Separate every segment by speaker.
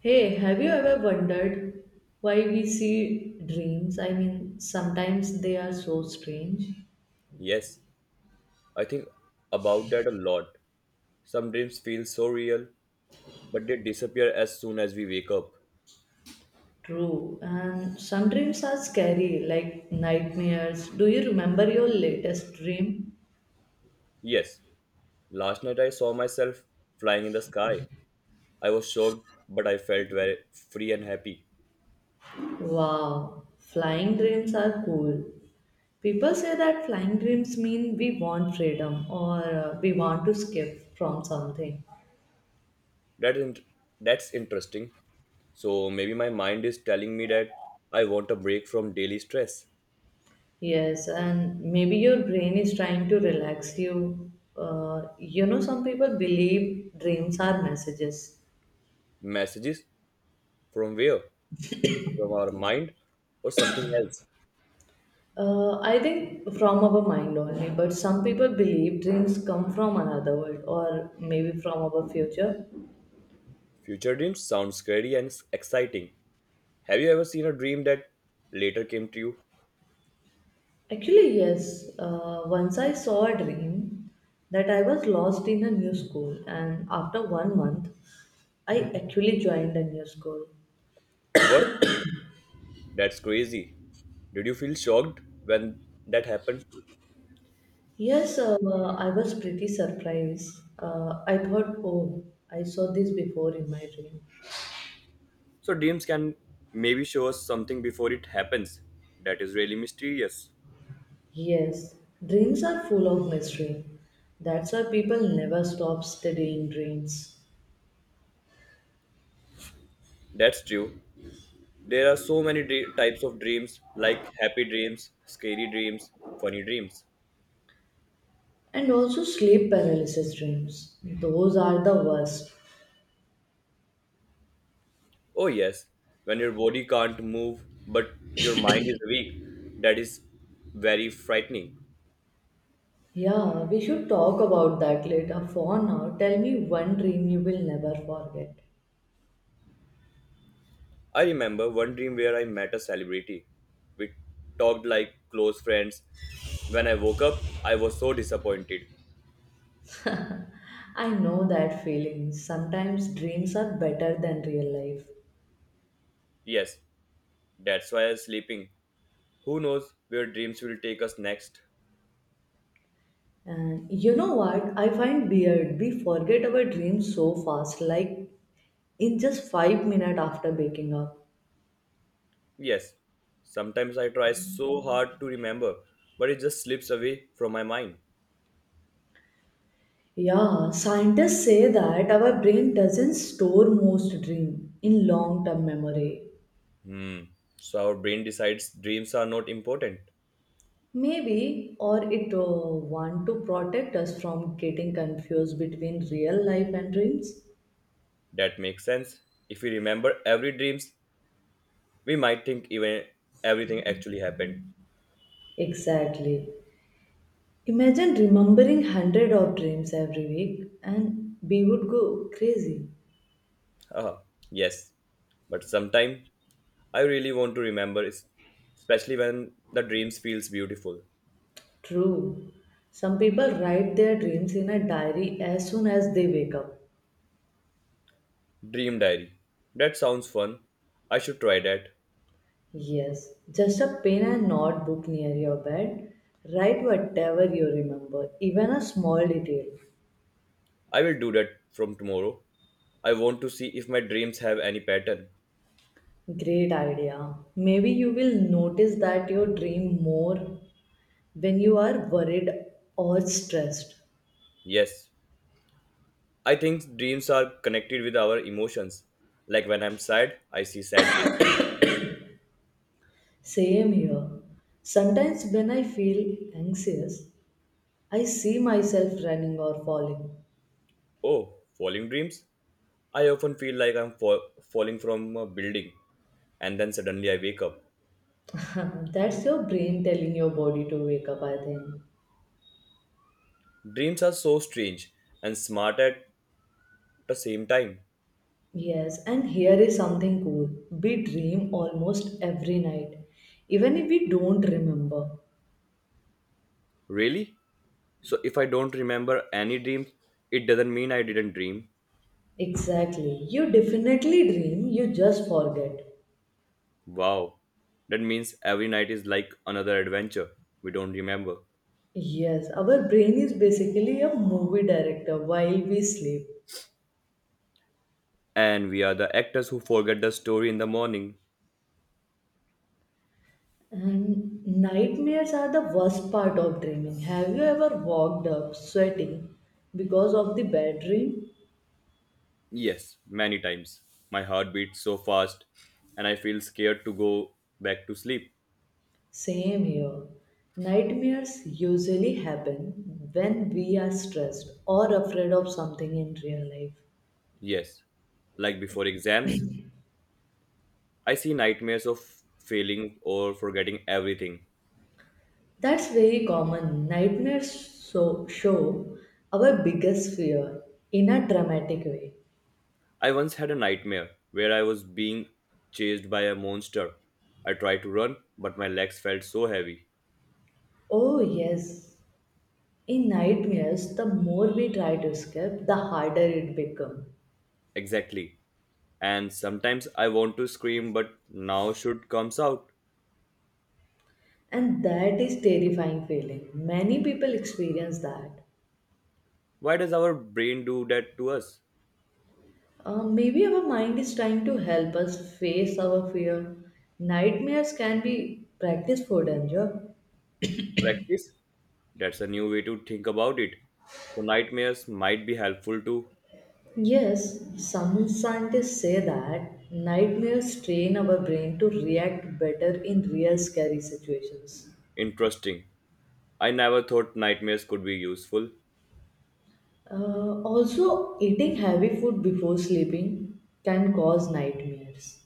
Speaker 1: Hey, have you ever wondered why we see dreams? I mean, sometimes they are so strange.
Speaker 2: Yes, I think about that a lot. Some dreams feel so real, but they disappear as soon as we wake up.
Speaker 1: True. And some dreams are scary, like nightmares. Do you remember your latest dream?
Speaker 2: Yes, last night I saw myself flying in the sky. I was shocked, but I felt very free and happy.
Speaker 1: Wow, flying dreams are cool. People say that flying dreams mean we want freedom or we want to escape from something.
Speaker 2: That in- that's interesting. So maybe my mind is telling me that I want a break from daily stress.
Speaker 1: Yes, and maybe your brain is trying to relax you. Some people believe dreams are messages.
Speaker 2: Messages from where? From our mind or something else?
Speaker 1: I think from our mind only, but some people believe dreams come from another world or maybe from our future.
Speaker 2: Future dreams sound scary and exciting. Have you ever seen a dream that later came to you?
Speaker 1: Actually, yes, once I saw a dream that I was lost in a new school, and after 1 month, I actually joined a new school.
Speaker 2: What? That's crazy. Did you feel shocked when that happened?
Speaker 1: Yes, I was pretty surprised. I thought, oh, I saw this before in my dream.
Speaker 2: So, dreams can maybe show us something before it happens that is really mysterious.
Speaker 1: Yes, dreams are full of mystery. That's why people never stop studying dreams.
Speaker 2: That's true. There are so many types of dreams like happy dreams, scary dreams, funny dreams.
Speaker 1: And also sleep paralysis dreams. Those are the worst.
Speaker 2: Oh, yes, when your body can't move but your mind is weak, that is very frightening.
Speaker 1: Yeah, we should talk about that later. For now, tell me one dream you will never forget.
Speaker 2: I remember one dream where I met a celebrity. We talked like close friends. When I woke up, I was so disappointed.
Speaker 1: I know that feeling. Sometimes dreams are better than real life.
Speaker 2: Yes, that's why I'm sleeping. Who knows where dreams will take us next?
Speaker 1: And you know what? I find weird. We forget our dreams so fast, like in just 5 minutes after waking up.
Speaker 2: Yes, sometimes I try so hard to remember, but it just slips away from my mind.
Speaker 1: Yeah, scientists say that our brain doesn't store most dream in long-term memory.
Speaker 2: Hmm, so our brain decides dreams are not important.
Speaker 1: Maybe, or it want to protect us from getting confused between real life and dreams.
Speaker 2: That makes sense. If we remember every dreams, we might think even everything actually happened.
Speaker 1: Exactly. Imagine remembering hundred of dreams every week, and we would go crazy.
Speaker 2: Ah, yes. But sometime I really want to remember, especially when the dreams feels beautiful.
Speaker 1: True. Some people write their dreams in a diary as soon as they wake up.
Speaker 2: Dream diary. That sounds fun. I should try that.
Speaker 1: Yes, just a pen and notebook near your bed. Write whatever you remember, even a small detail.
Speaker 2: I will do that from tomorrow. I want to see if my dreams have any pattern.
Speaker 1: Great idea. Maybe you will notice that your dream more when you are worried or stressed.
Speaker 2: Yes. I think dreams are connected with our emotions. Like when I'm sad, I see sad dreams.
Speaker 1: Same here. Sometimes when I feel anxious, I see myself running or falling.
Speaker 2: Oh, falling dreams? I often feel like I'm falling from a building and then suddenly I wake up.
Speaker 1: That's your brain telling your body to wake up, I think.
Speaker 2: Dreams are so strange and smart at the same time.
Speaker 1: Yes, and here is something cool. We dream almost every night, even if we don't remember.
Speaker 2: Really? So if I don't remember any dreams, it doesn't mean I didn't dream.
Speaker 1: Exactly. You definitely dream, you just forget.
Speaker 2: Wow. That means every night is like another adventure we don't remember.
Speaker 1: Yes, our brain is basically a movie director while we sleep.
Speaker 2: And we are the actors who forget the story in the morning.
Speaker 1: And nightmares are the worst part of dreaming. Have you ever walked up sweating because of the bad dream?
Speaker 2: Yes, many times. My heart beats so fast and I feel scared to go back to sleep.
Speaker 1: Same here. Nightmares usually happen when we are stressed or afraid of something in real life.
Speaker 2: Yes, like before exams, I see nightmares of failing or forgetting everything.
Speaker 1: That's very common. Nightmares so show our biggest fear in a dramatic way.
Speaker 2: I once had a nightmare where I was being chased by a monster. I tried to run, but my legs felt so heavy.
Speaker 1: Oh, yes. In nightmares, the more we try to escape, the harder it becomes.
Speaker 2: Exactly. And sometimes I want to scream, but now should comes out.
Speaker 1: And that is terrifying feeling. Many people experience that.
Speaker 2: Why does our brain do that to us?
Speaker 1: Maybe our mind is trying to help us face our fear. Nightmares can be practice for danger.
Speaker 2: Practice? That's a new way to think about it. So nightmares might be helpful too.
Speaker 1: Yes, some scientists say that nightmares train our brain to react better in real scary situations.
Speaker 2: Interesting. I never thought nightmares could be useful.
Speaker 1: Also, eating heavy food before sleeping can cause nightmares.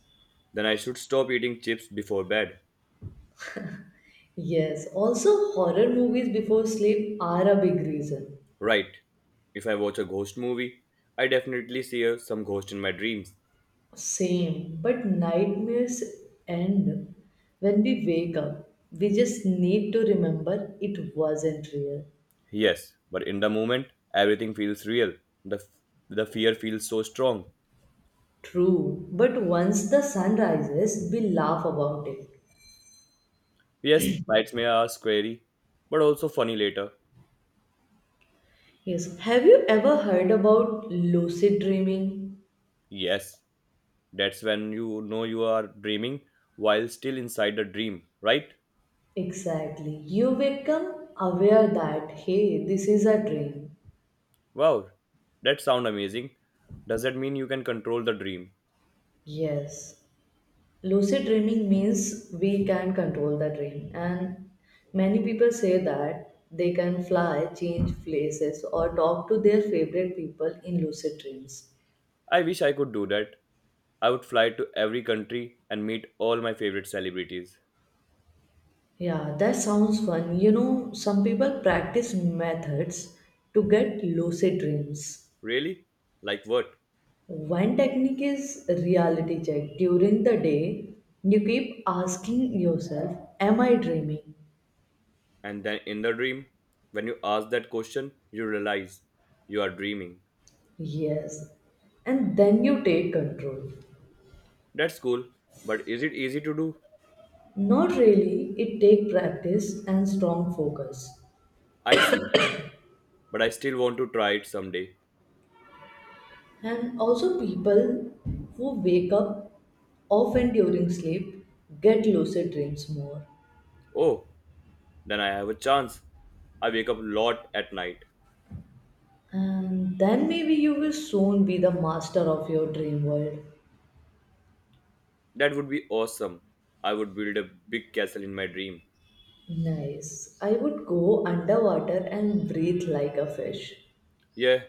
Speaker 2: Then I should stop eating chips before bed.
Speaker 1: Yes, also horror movies before sleep are a big reason.
Speaker 2: Right. If I watch a ghost movie, I definitely see some ghost in my dreams.
Speaker 1: Same, but nightmares end when we wake up. We just need to remember it wasn't real.
Speaker 2: Yes, but in the moment, everything feels real. The f- the fear feels so strong.
Speaker 1: True, but once the sun rises, we laugh about it.
Speaker 2: Yes, nightmares are scary, but also funny later.
Speaker 1: Yes, have you ever heard about lucid dreaming?
Speaker 2: Yes, that's when you know you are dreaming while still inside the dream, right?
Speaker 1: Exactly, you become aware that hey, this is a dream.
Speaker 2: Wow, that sound amazing. Does that mean you can control the dream?
Speaker 1: Yes, lucid dreaming means we can control the dream, and many people say that they can fly, change places, or talk to their favorite people in lucid dreams.
Speaker 2: I wish I could do that. I would fly to every country and meet all my favorite celebrities.
Speaker 1: Yeah, that sounds fun. Some people practice methods to get lucid dreams.
Speaker 2: Really? Like what?
Speaker 1: One technique is reality check. During the day, you keep asking yourself, am I dreaming?
Speaker 2: And then in the dream, when you ask that question, you realize you are dreaming.
Speaker 1: Yes. And then you take control.
Speaker 2: That's cool, but is it easy to do?
Speaker 1: Not really. It take practice and strong focus.
Speaker 2: I see, but I still want to try it someday.
Speaker 1: And also people who wake up often during sleep get lucid dreams more.
Speaker 2: Oh, then I have a chance. I wake up a lot at night.
Speaker 1: And then maybe you will soon be the master of your dream world.
Speaker 2: That would be awesome. I would build a big castle in my dream.
Speaker 1: Nice. I would go underwater and breathe like a fish.
Speaker 2: Yeah,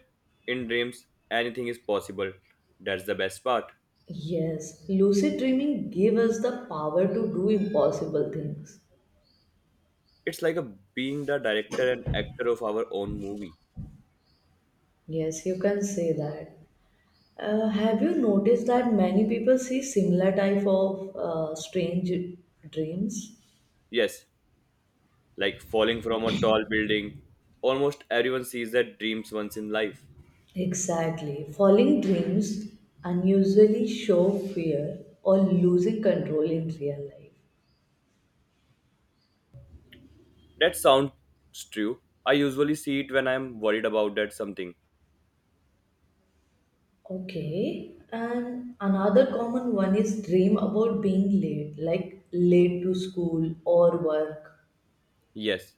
Speaker 2: in dreams, anything is possible. That's the best part.
Speaker 1: Yes, lucid dreaming gives us the power to do impossible things.
Speaker 2: It's like a being the director and actor of our own movie.
Speaker 1: Yes, you can say that. Have you noticed that many people see similar type of strange dreams?
Speaker 2: Yes, like falling from a tall building. Almost everyone sees their dreams once in life.
Speaker 1: Exactly. Falling dreams unusually show fear or losing control in real life.
Speaker 2: That sounds true. I usually see it when I'm worried about that something.
Speaker 1: Okay. And another common one is dream about being late, like late to school or work.
Speaker 2: Yes,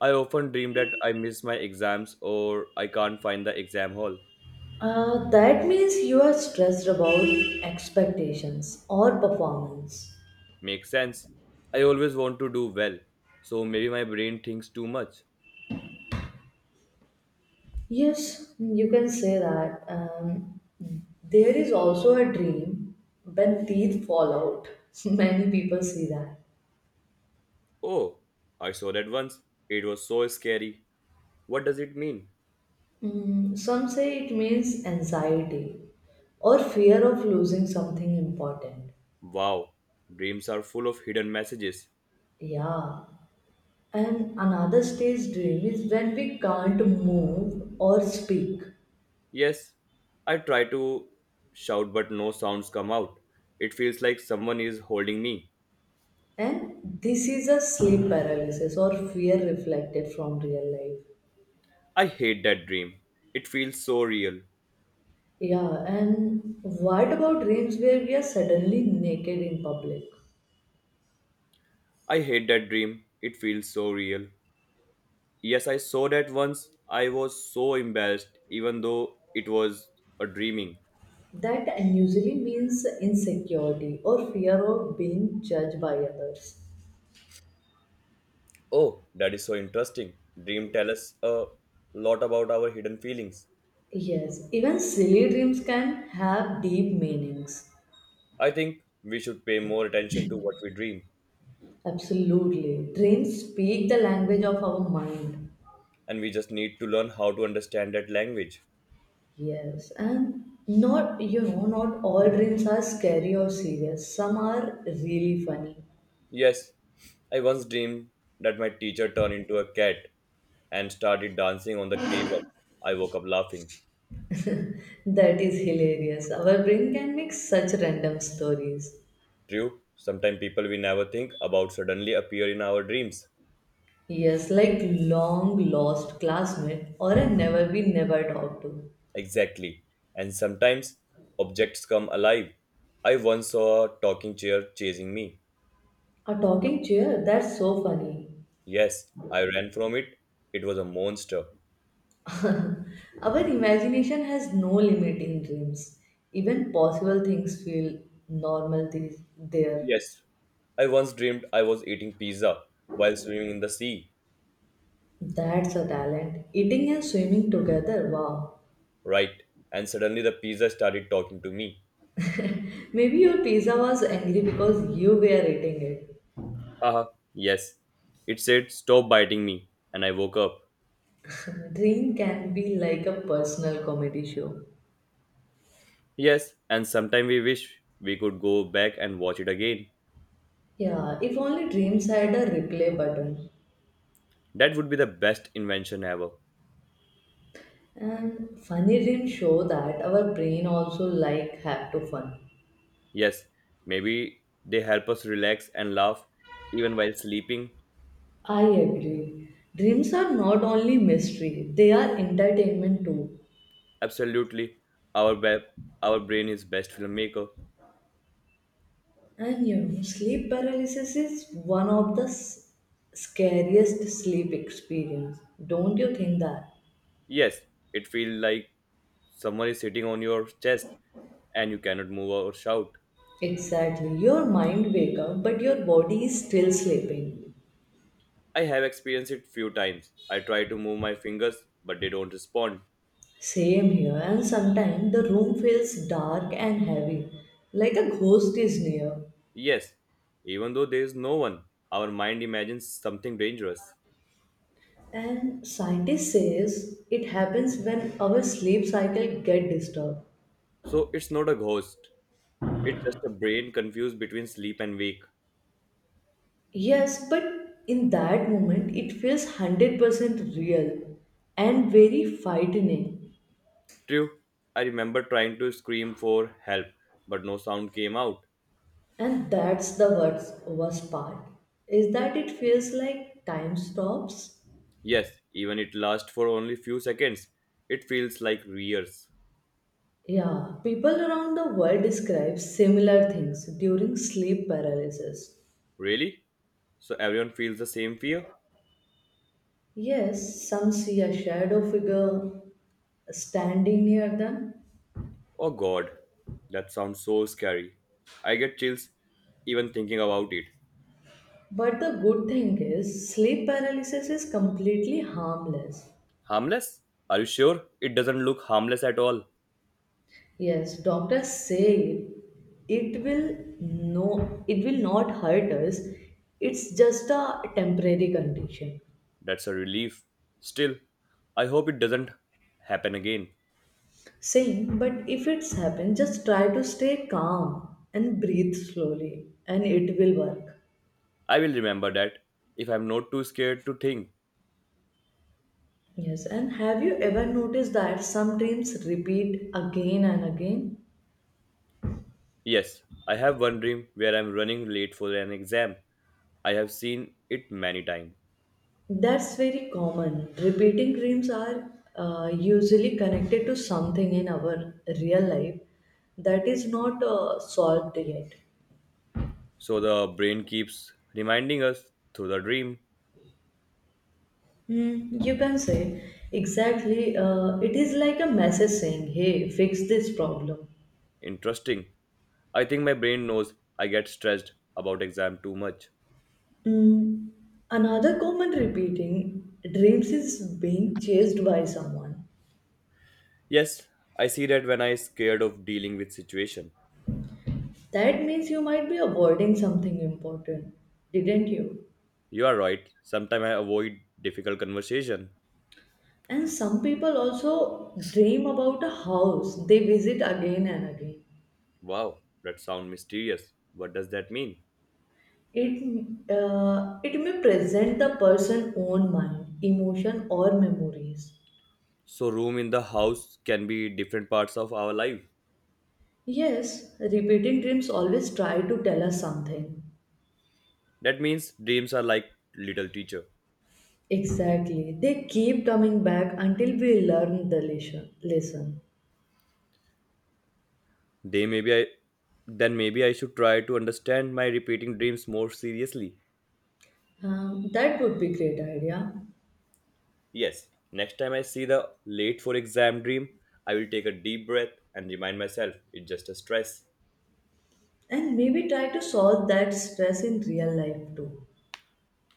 Speaker 2: I often dream that I miss my exams or I can't find the exam hall.
Speaker 1: That means you are stressed about expectations or performance.
Speaker 2: Makes sense. I always want to do well, so maybe my brain thinks too much.
Speaker 1: Yes, you can say that. There is also a dream when teeth fall out. Many people see that.
Speaker 2: Oh, I saw that once. It was so scary. What does it mean?
Speaker 1: Some say it means anxiety or fear of losing something important.
Speaker 2: Wow, dreams are full of hidden messages.
Speaker 1: Yeah. And another stage dream is when we can't move or speak.
Speaker 2: Yes, I try to shout, but no sounds come out. It feels like someone is holding me.
Speaker 1: And this is a sleep paralysis or fear reflected from real life.
Speaker 2: I hate that dream. It feels so real.
Speaker 1: Yeah, and what about dreams where we are suddenly naked in public?
Speaker 2: I hate that dream. It feels so real. Yes, I saw that once. I was so embarrassed, even though it was a dreaming.
Speaker 1: That usually means insecurity or fear of being judged by others.
Speaker 2: Oh, that is so interesting. Dream tell us a lot about our hidden feelings.
Speaker 1: Yes, even silly dreams can have deep meanings.
Speaker 2: I think we should pay more attention to what we dream,
Speaker 1: Absolutely. Dreams speak the language of our mind.
Speaker 2: and we just need to learn how to understand that language.
Speaker 1: Yes, and not, you know, not all dreams are scary or serious. Some are really funny.
Speaker 2: Yes, I once dreamed that my teacher turned into a cat and started dancing on the table. I woke up laughing.
Speaker 1: That is hilarious. Our brain can make such random stories.
Speaker 2: True, sometimes people we never think about suddenly appear in our dreams.
Speaker 1: Yes, like long lost classmate or a never we never talked to.
Speaker 2: Exactly. And sometimes objects come alive. I once saw a talking chair chasing me.
Speaker 1: A talking chair, that's so funny.
Speaker 2: Yes, I ran from it. It was a monster.
Speaker 1: Our imagination has no limit in dreams. Even possible things feel normal these, there.
Speaker 2: Yes, I once dreamed I was eating pizza while swimming in the sea.
Speaker 1: That's a talent. Eating and swimming together, wow.
Speaker 2: Right, and suddenly the pizza started talking to me.
Speaker 1: Maybe your pizza was angry because you were eating it.
Speaker 2: Haha, yes. It said, "Stop biting me." And I woke up.
Speaker 1: Dream can be like a personal comedy show.
Speaker 2: Yes, and sometime we wish we could go back and watch it again.
Speaker 1: Yeah, if only dreams had a replay button.
Speaker 2: That would be the best invention ever.
Speaker 1: And funny dreams show that our brain also like have to fun.
Speaker 2: Yes, maybe they help us relax and laugh even while sleeping.
Speaker 1: I agree. Dreams are not only mystery, they are entertainment too.
Speaker 2: Absolutely. Our, ba- our brain is best filmmaker.
Speaker 1: And sleep paralysis is one of the scariest sleep experience. Don't you think that?
Speaker 2: Yes, it feels like someone is sitting on your chest and you cannot move or shout.
Speaker 1: Exactly. Your mind wake up, but your body is still sleeping.
Speaker 2: I have experienced it few times. I try to move my fingers, but they don't respond.
Speaker 1: Same here. And sometimes the room feels dark and heavy, like a ghost is near.
Speaker 2: Yes, even though there is no one, our mind imagines something dangerous.
Speaker 1: And scientists says it happens when our sleep cycle get disturbed.
Speaker 2: So it's not a ghost, it's just a brain confused between sleep and wake.
Speaker 1: Yes, but in that moment it feels 100% real and very frightening.
Speaker 2: True, I remember trying to scream for help, but no sound came out.
Speaker 1: And that's the worst, worst part is that it feels like time stops.
Speaker 2: Yes, even it lasts for only few seconds. It feels like years.
Speaker 1: Yeah, people around the world describe similar things during sleep paralysis.
Speaker 2: Really? So everyone feels the same fear?
Speaker 1: Yes, some see a shadow figure standing near them.
Speaker 2: Oh god, that sounds so scary. I get chills even thinking about it.
Speaker 1: But the good thing is, sleep paralysis is completely harmless.
Speaker 2: Harmless? Are you sure? It doesn't look harmless at all.
Speaker 1: Yes, doctors say it will not hurt us. It's just a temporary condition.
Speaker 2: That's a relief. Still, I hope it doesn't happen again.
Speaker 1: Same, but if it's happened, just try to stay calm and breathe slowly, and it will work.
Speaker 2: I will remember that if I'm not too scared to think.
Speaker 1: Yes, and have you ever noticed that some dreams repeat again and again?
Speaker 2: Yes, I have one dream where I'm running late for an exam. I have seen it many times.
Speaker 1: That's very common. Repeating dreams are usually connected to something in our real life that is not solved yet.
Speaker 2: So the brain keeps reminding us through the dream.
Speaker 1: You can say exactly, it is like a message saying, hey, fix this problem.
Speaker 2: Interesting. I think my brain knows I get stressed about exam too much.
Speaker 1: Hmm, another common repeating dreams is being chased by someone.
Speaker 2: Yes, I see that when I scared of dealing with situation.
Speaker 1: That means you might be avoiding something important, didn't you?
Speaker 2: You are right. Sometimes I avoid difficult conversation.
Speaker 1: And some people also dream about a house they visit again and again.
Speaker 2: Wow, that sounds mysterious. What does that mean?
Speaker 1: It may present the person's own mind, emotion, or memories.
Speaker 2: So, room in the house can be different parts of our life.
Speaker 1: Yes, repeating dreams always try to tell us something.
Speaker 2: That means dreams are like little teacher.
Speaker 1: Exactly. They keep coming back until we learn the lesson.
Speaker 2: They maybe I then maybe I should try to understand my repeating dreams more seriously.
Speaker 1: That would be great idea.
Speaker 2: Yes, next time I see the late for exam dream, I will take a deep breath and remind myself it's just a stress.
Speaker 1: And maybe try to solve that stress in real life too.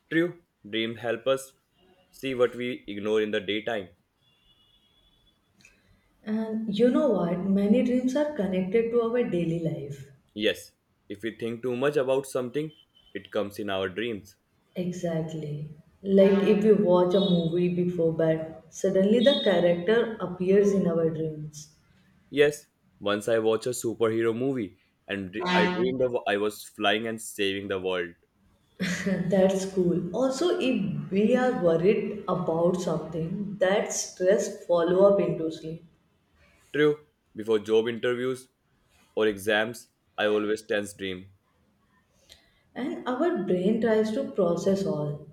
Speaker 2: True, dreams help us see what we ignore in the daytime.
Speaker 1: And you know what? Many dreams are connected to our daily life.
Speaker 2: Yes, if we think too much about something, it comes in our dreams.
Speaker 1: Exactly. Like if we watch a movie before bed, suddenly the character appears in our dreams.
Speaker 2: Yes, once I watched a superhero movie and I dreamed of I was flying and saving the world.
Speaker 1: That's cool. Also, if we are worried about something, that stress follow up into sleep.
Speaker 2: True, before job interviews or exams, I always tense dream,
Speaker 1: And our brain tries to process all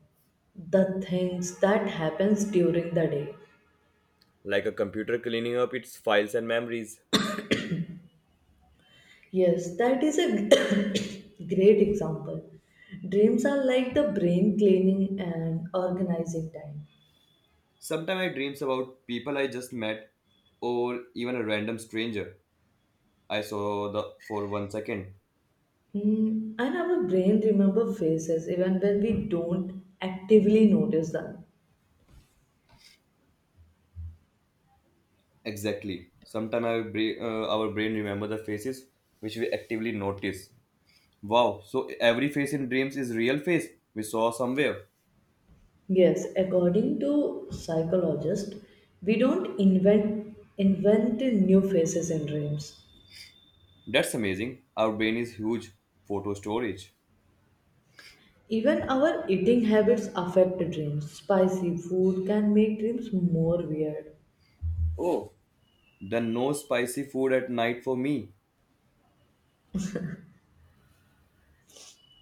Speaker 1: the things that happens during the day.
Speaker 2: like a computer cleaning up its files and memories.
Speaker 1: Yes, that is a great example. Dreams are like the brain cleaning and organizing time.
Speaker 2: Sometimes I dreams about people I just met or even a random stranger I saw the for 1 second.
Speaker 1: And our brain remember faces even when we don't actively notice them.
Speaker 2: Exactly. Sometimes our brain remember the faces which we actively notice. Wow, so every face in dreams is real face we saw somewhere.
Speaker 1: Yes, according to psychologists, we don't invent new faces in dreams.
Speaker 2: That's amazing. Our brain is huge. Photo storage.
Speaker 1: Even our eating habits affect dreams. Spicy food can make dreams more weird.
Speaker 2: Oh, then no spicy food at night for me.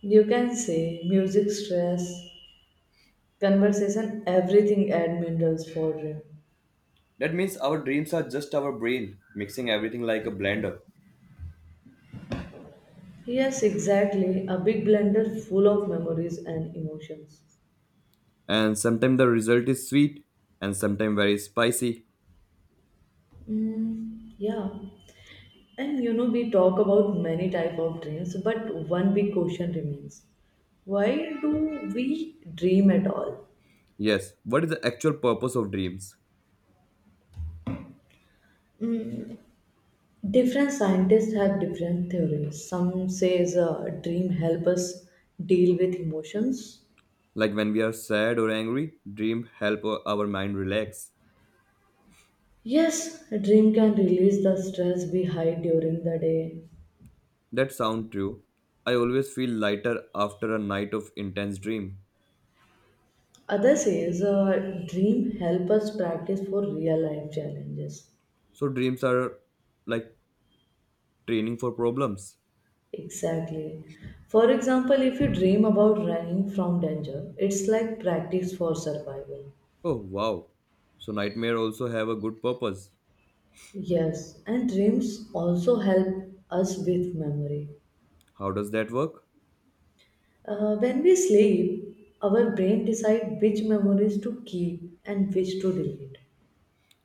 Speaker 1: You can say music stress. Conversation, everything admirals for him.
Speaker 2: That means our dreams are just our brain mixing everything like a blender.
Speaker 1: Yes, exactly. A big blender full of memories and emotions.
Speaker 2: And sometimes the result is sweet and sometimes very spicy.
Speaker 1: Mm, yeah. And we talk about many type of dreams, but one big question remains. Why do we dream at all?
Speaker 2: Yes, what is the actual purpose of dreams?
Speaker 1: Mm, different scientists have different theories. Some says dream help us deal with emotions.
Speaker 2: Like when we are sad or angry, dream help our mind relax.
Speaker 1: Yes, a dream can release the stress we hide during the day.
Speaker 2: That sound true. I always feel lighter after a night of intense dream.
Speaker 1: Other says, dream help us practice for real life challenges.
Speaker 2: So dreams are like training for problems.
Speaker 1: Exactly. For example, if you dream about running from danger, it's like practice for survival.
Speaker 2: Oh wow. So nightmare also have a good purpose.
Speaker 1: Yes, and dreams also help us with memory.
Speaker 2: How does that work?
Speaker 1: When we sleep, our brain decides which memories to keep and which to delete.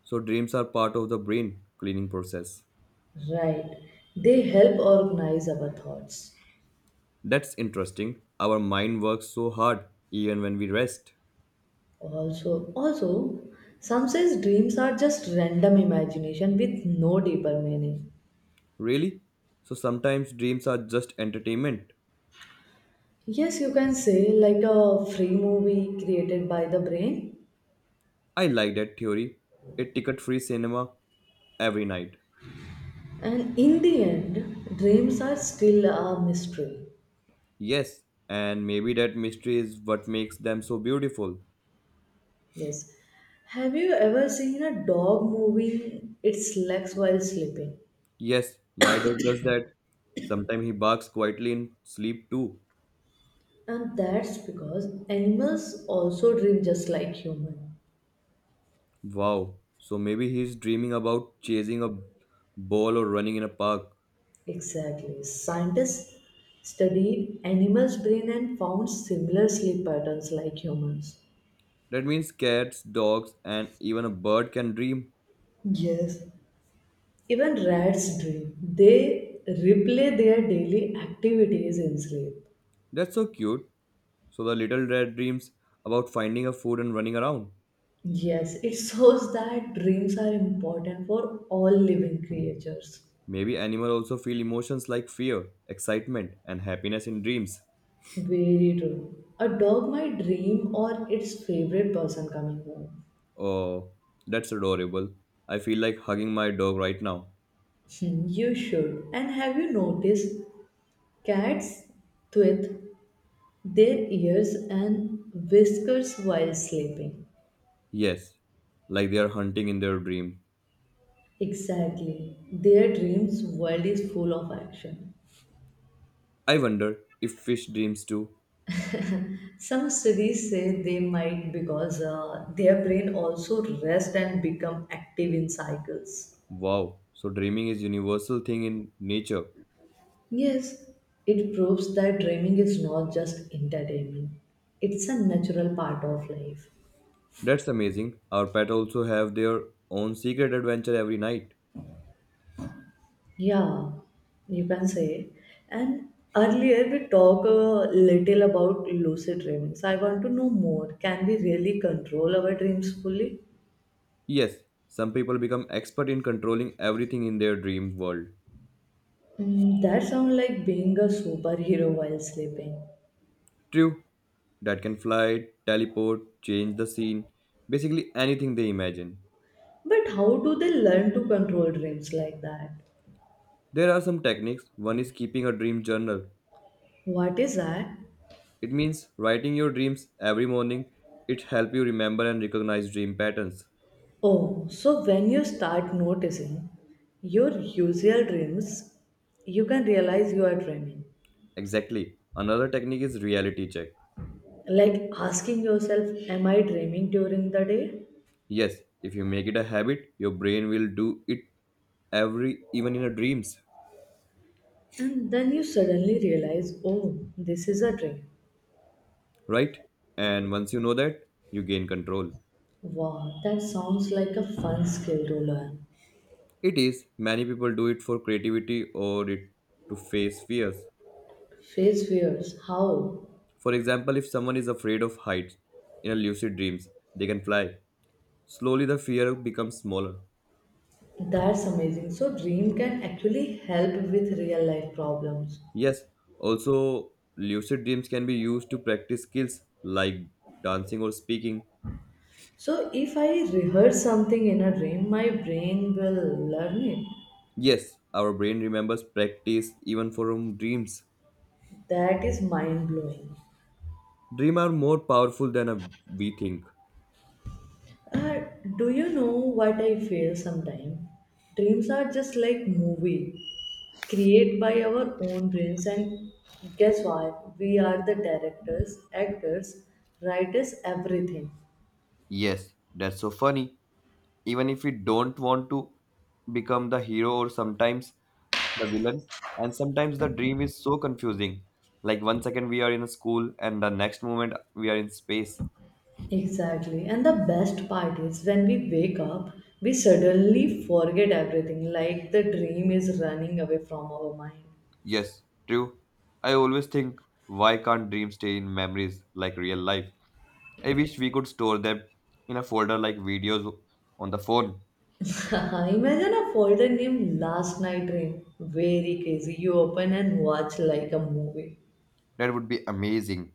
Speaker 2: So dreams are part of the brain cleaning process.
Speaker 1: Right. They help organize our thoughts.
Speaker 2: That's interesting. Our mind works so hard even when we rest.
Speaker 1: Also, also, some says dreams are just random imagination with no deeper meaning.
Speaker 2: Really? So sometimes dreams are just entertainment.
Speaker 1: Yes, you can say like a free movie created by the brain.
Speaker 2: I like that theory. A ticket-free cinema every night.
Speaker 1: And in the end, dreams are still a mystery.
Speaker 2: Yes, and maybe that mystery is what makes them so beautiful.
Speaker 1: Yes. Have you ever seen a dog moving its legs while sleeping?
Speaker 2: Yes, my dog does that. Sometimes he barks quietly in sleep too.
Speaker 1: And that's because animals also dream just like humans.
Speaker 2: Wow. So maybe he's dreaming about chasing a ball or running in a park.
Speaker 1: Exactly. Scientists studied animals' brain and found similar sleep patterns like humans.
Speaker 2: That means cats, dogs, and even a bird can dream.
Speaker 1: Yes, even rats dream. They replay their daily activities in sleep.
Speaker 2: That's so cute. So the little rat dreams about finding a food and running around.
Speaker 1: Yes, it shows that dreams are important for all living creatures.
Speaker 2: Maybe animals also feel emotions like fear, excitement, and happiness in dreams.
Speaker 1: Very true. A dog might dream or its favorite person coming home.
Speaker 2: Oh, that's adorable. I feel like hugging my dog right now.
Speaker 1: Hmm, you should. And have you noticed cats tweet their ears and whiskers while sleeping.
Speaker 2: Yes, like they are hunting in their dream.
Speaker 1: Exactly. Their dreams world is full of action.
Speaker 2: I wonder if fish dreams too.
Speaker 1: Some studies say they might because their brain also rest and become active in cycles.
Speaker 2: Wow, so dreaming is universal thing in nature.
Speaker 1: Yes, it proves that dreaming is not just entertainment. It's a natural part of life.
Speaker 2: That's amazing. Our pet also have their own secret adventure every night.
Speaker 1: Yeah, you can say. And earlier we talked a little about lucid dreams. I want to know more. Can we really control our dreams fully?
Speaker 2: Yes, some people become expert in controlling everything in their dream world.
Speaker 1: That sounds like being a superhero while sleeping.
Speaker 2: True, that can fly, teleport, change the scene, basically anything they imagine.
Speaker 1: But how do they learn to control dreams like that?
Speaker 2: There are some techniques. One is keeping a dream journal.
Speaker 1: What is that?
Speaker 2: It means writing your dreams every morning. It helps you remember and recognize dream patterns.
Speaker 1: Oh, so when you start noticing your usual dreams, you can realize you are dreaming.
Speaker 2: Exactly. Another technique is reality check.
Speaker 1: Like asking yourself, am I dreaming during the day?
Speaker 2: Yes, if you make it a habit, your brain will do it every even in your dreams,
Speaker 1: And then you suddenly realize, oh, this is a dream.
Speaker 2: right? And once you know that, you gain control.
Speaker 1: Wow, that sounds like a fun skill to learn.
Speaker 2: It is many people do it for creativity or it to face fears.
Speaker 1: Face fears, how?
Speaker 2: For example, if someone is afraid of heights in a lucid dreams, they can fly. Slowly the fear becomes smaller.
Speaker 1: That's amazing. So, dream can actually help with real life problems.
Speaker 2: Yes, also lucid dreams can be used to practice skills like dancing or speaking.
Speaker 1: So, if I rehearse something in a dream, my brain will learn it.
Speaker 2: Yes, our brain remembers practice even from dreams.
Speaker 1: That is mind blowing.
Speaker 2: Dreams are more powerful than we think.
Speaker 1: Uh, do you know what I feel sometimes? Dreams are just like movie created by our own brains and guess what? We are the directors, actors, writers, everything.
Speaker 2: Yes, that's so funny. Even if we don't want to become the hero or sometimes the villain, and sometimes the dream is so confusing. Like one second we are in a school and the next moment we are in space.
Speaker 1: Exactly. And the best part is when we wake up, we suddenly forget everything like the dream is running away from our mind.
Speaker 2: Yes, true. I always think why can't dreams stay in memories like real life? I wish we could store them in a folder like videos on the phone.
Speaker 1: Imagine a folder named Last Night Dream. Very crazy. You open and watch like a movie.
Speaker 2: That would be amazing.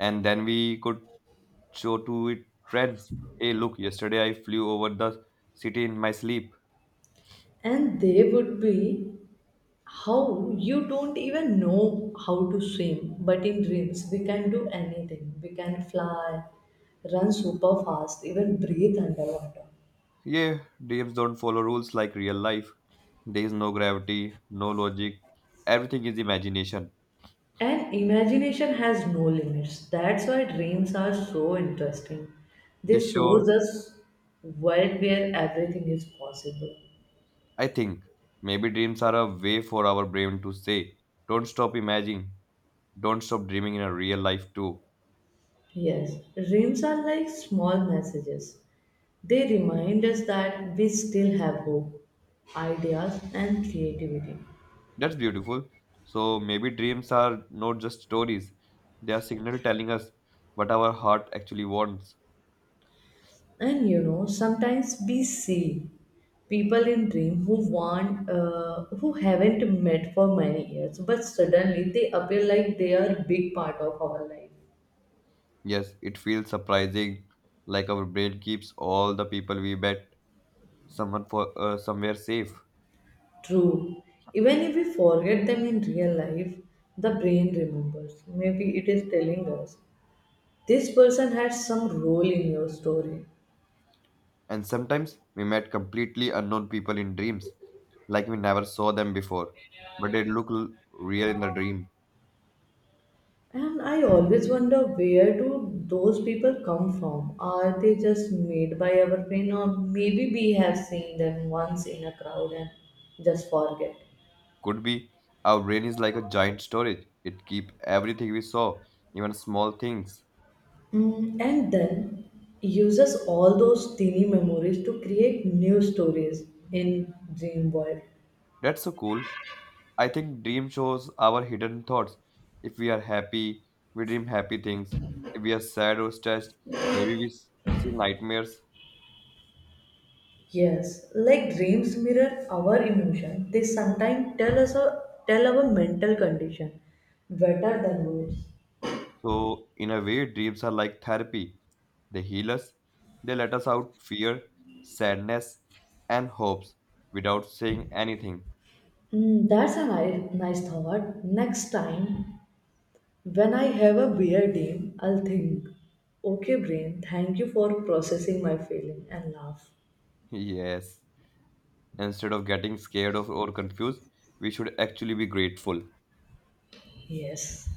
Speaker 2: And then we could show to it friends. Hey, look, yesterday I flew over the city in my sleep.
Speaker 1: And they would be how you don't even know how to swim, but in dreams, we can do anything. We can fly, run super fast, even breathe underwater.
Speaker 2: Yeah, dreams don't follow rules like real life. There is no gravity, no logic. Everything is imagination.
Speaker 1: And imagination has no limits. That's why dreams are so interesting. They
Speaker 2: This show,
Speaker 1: shows us world where everything is possible.
Speaker 2: I think, maybe dreams are a way for our brain to say, don't stop imagining, don't stop dreaming in a real life too.
Speaker 1: Yes, dreams are like small messages. They remind us that we still have hope, ideas, and creativity.
Speaker 2: That's beautiful. So maybe dreams are not just stories, they are signal telling us what our heart actually wants.
Speaker 1: And sometimes we see people in dream who haven't met for many years, but suddenly they appear like they are big part of our life.
Speaker 2: Yes, it feels surprising, like our brain keeps all the people we met someone for somewhere safe.
Speaker 1: True. Even if we forget them in real life, the brain remembers. Maybe it is telling us this person had some role in your story.
Speaker 2: And sometimes we met completely unknown people in dreams, like we never saw them before, but they look real in the dream.
Speaker 1: And I always wonder where do those people come from? Are they just made by our brain, or maybe we have seen them once in a crowd and just forget?
Speaker 2: Could be our brain is like a giant storage; it keeps everything we saw, even small things.
Speaker 1: And then uses all those teeny memories to create new stories in dream world.
Speaker 2: That's so cool. I think dream shows our hidden thoughts. If we are happy, we dream happy things. If we are sad or stressed, maybe we see nightmares.
Speaker 1: Yes, like dreams mirror our emotion. They sometimes tell us or tell our mental condition better than words.
Speaker 2: So, in a way, dreams are like therapy. They heal us, they let us out fear, sadness, and hopes without saying anything.
Speaker 1: That's a nice thought. Next time, when I have a weird dream, I'll think, okay, brain, thank you for processing my feeling and laugh.
Speaker 2: Yes. Instead of getting scared of or confused, we should actually be grateful.
Speaker 1: Yes.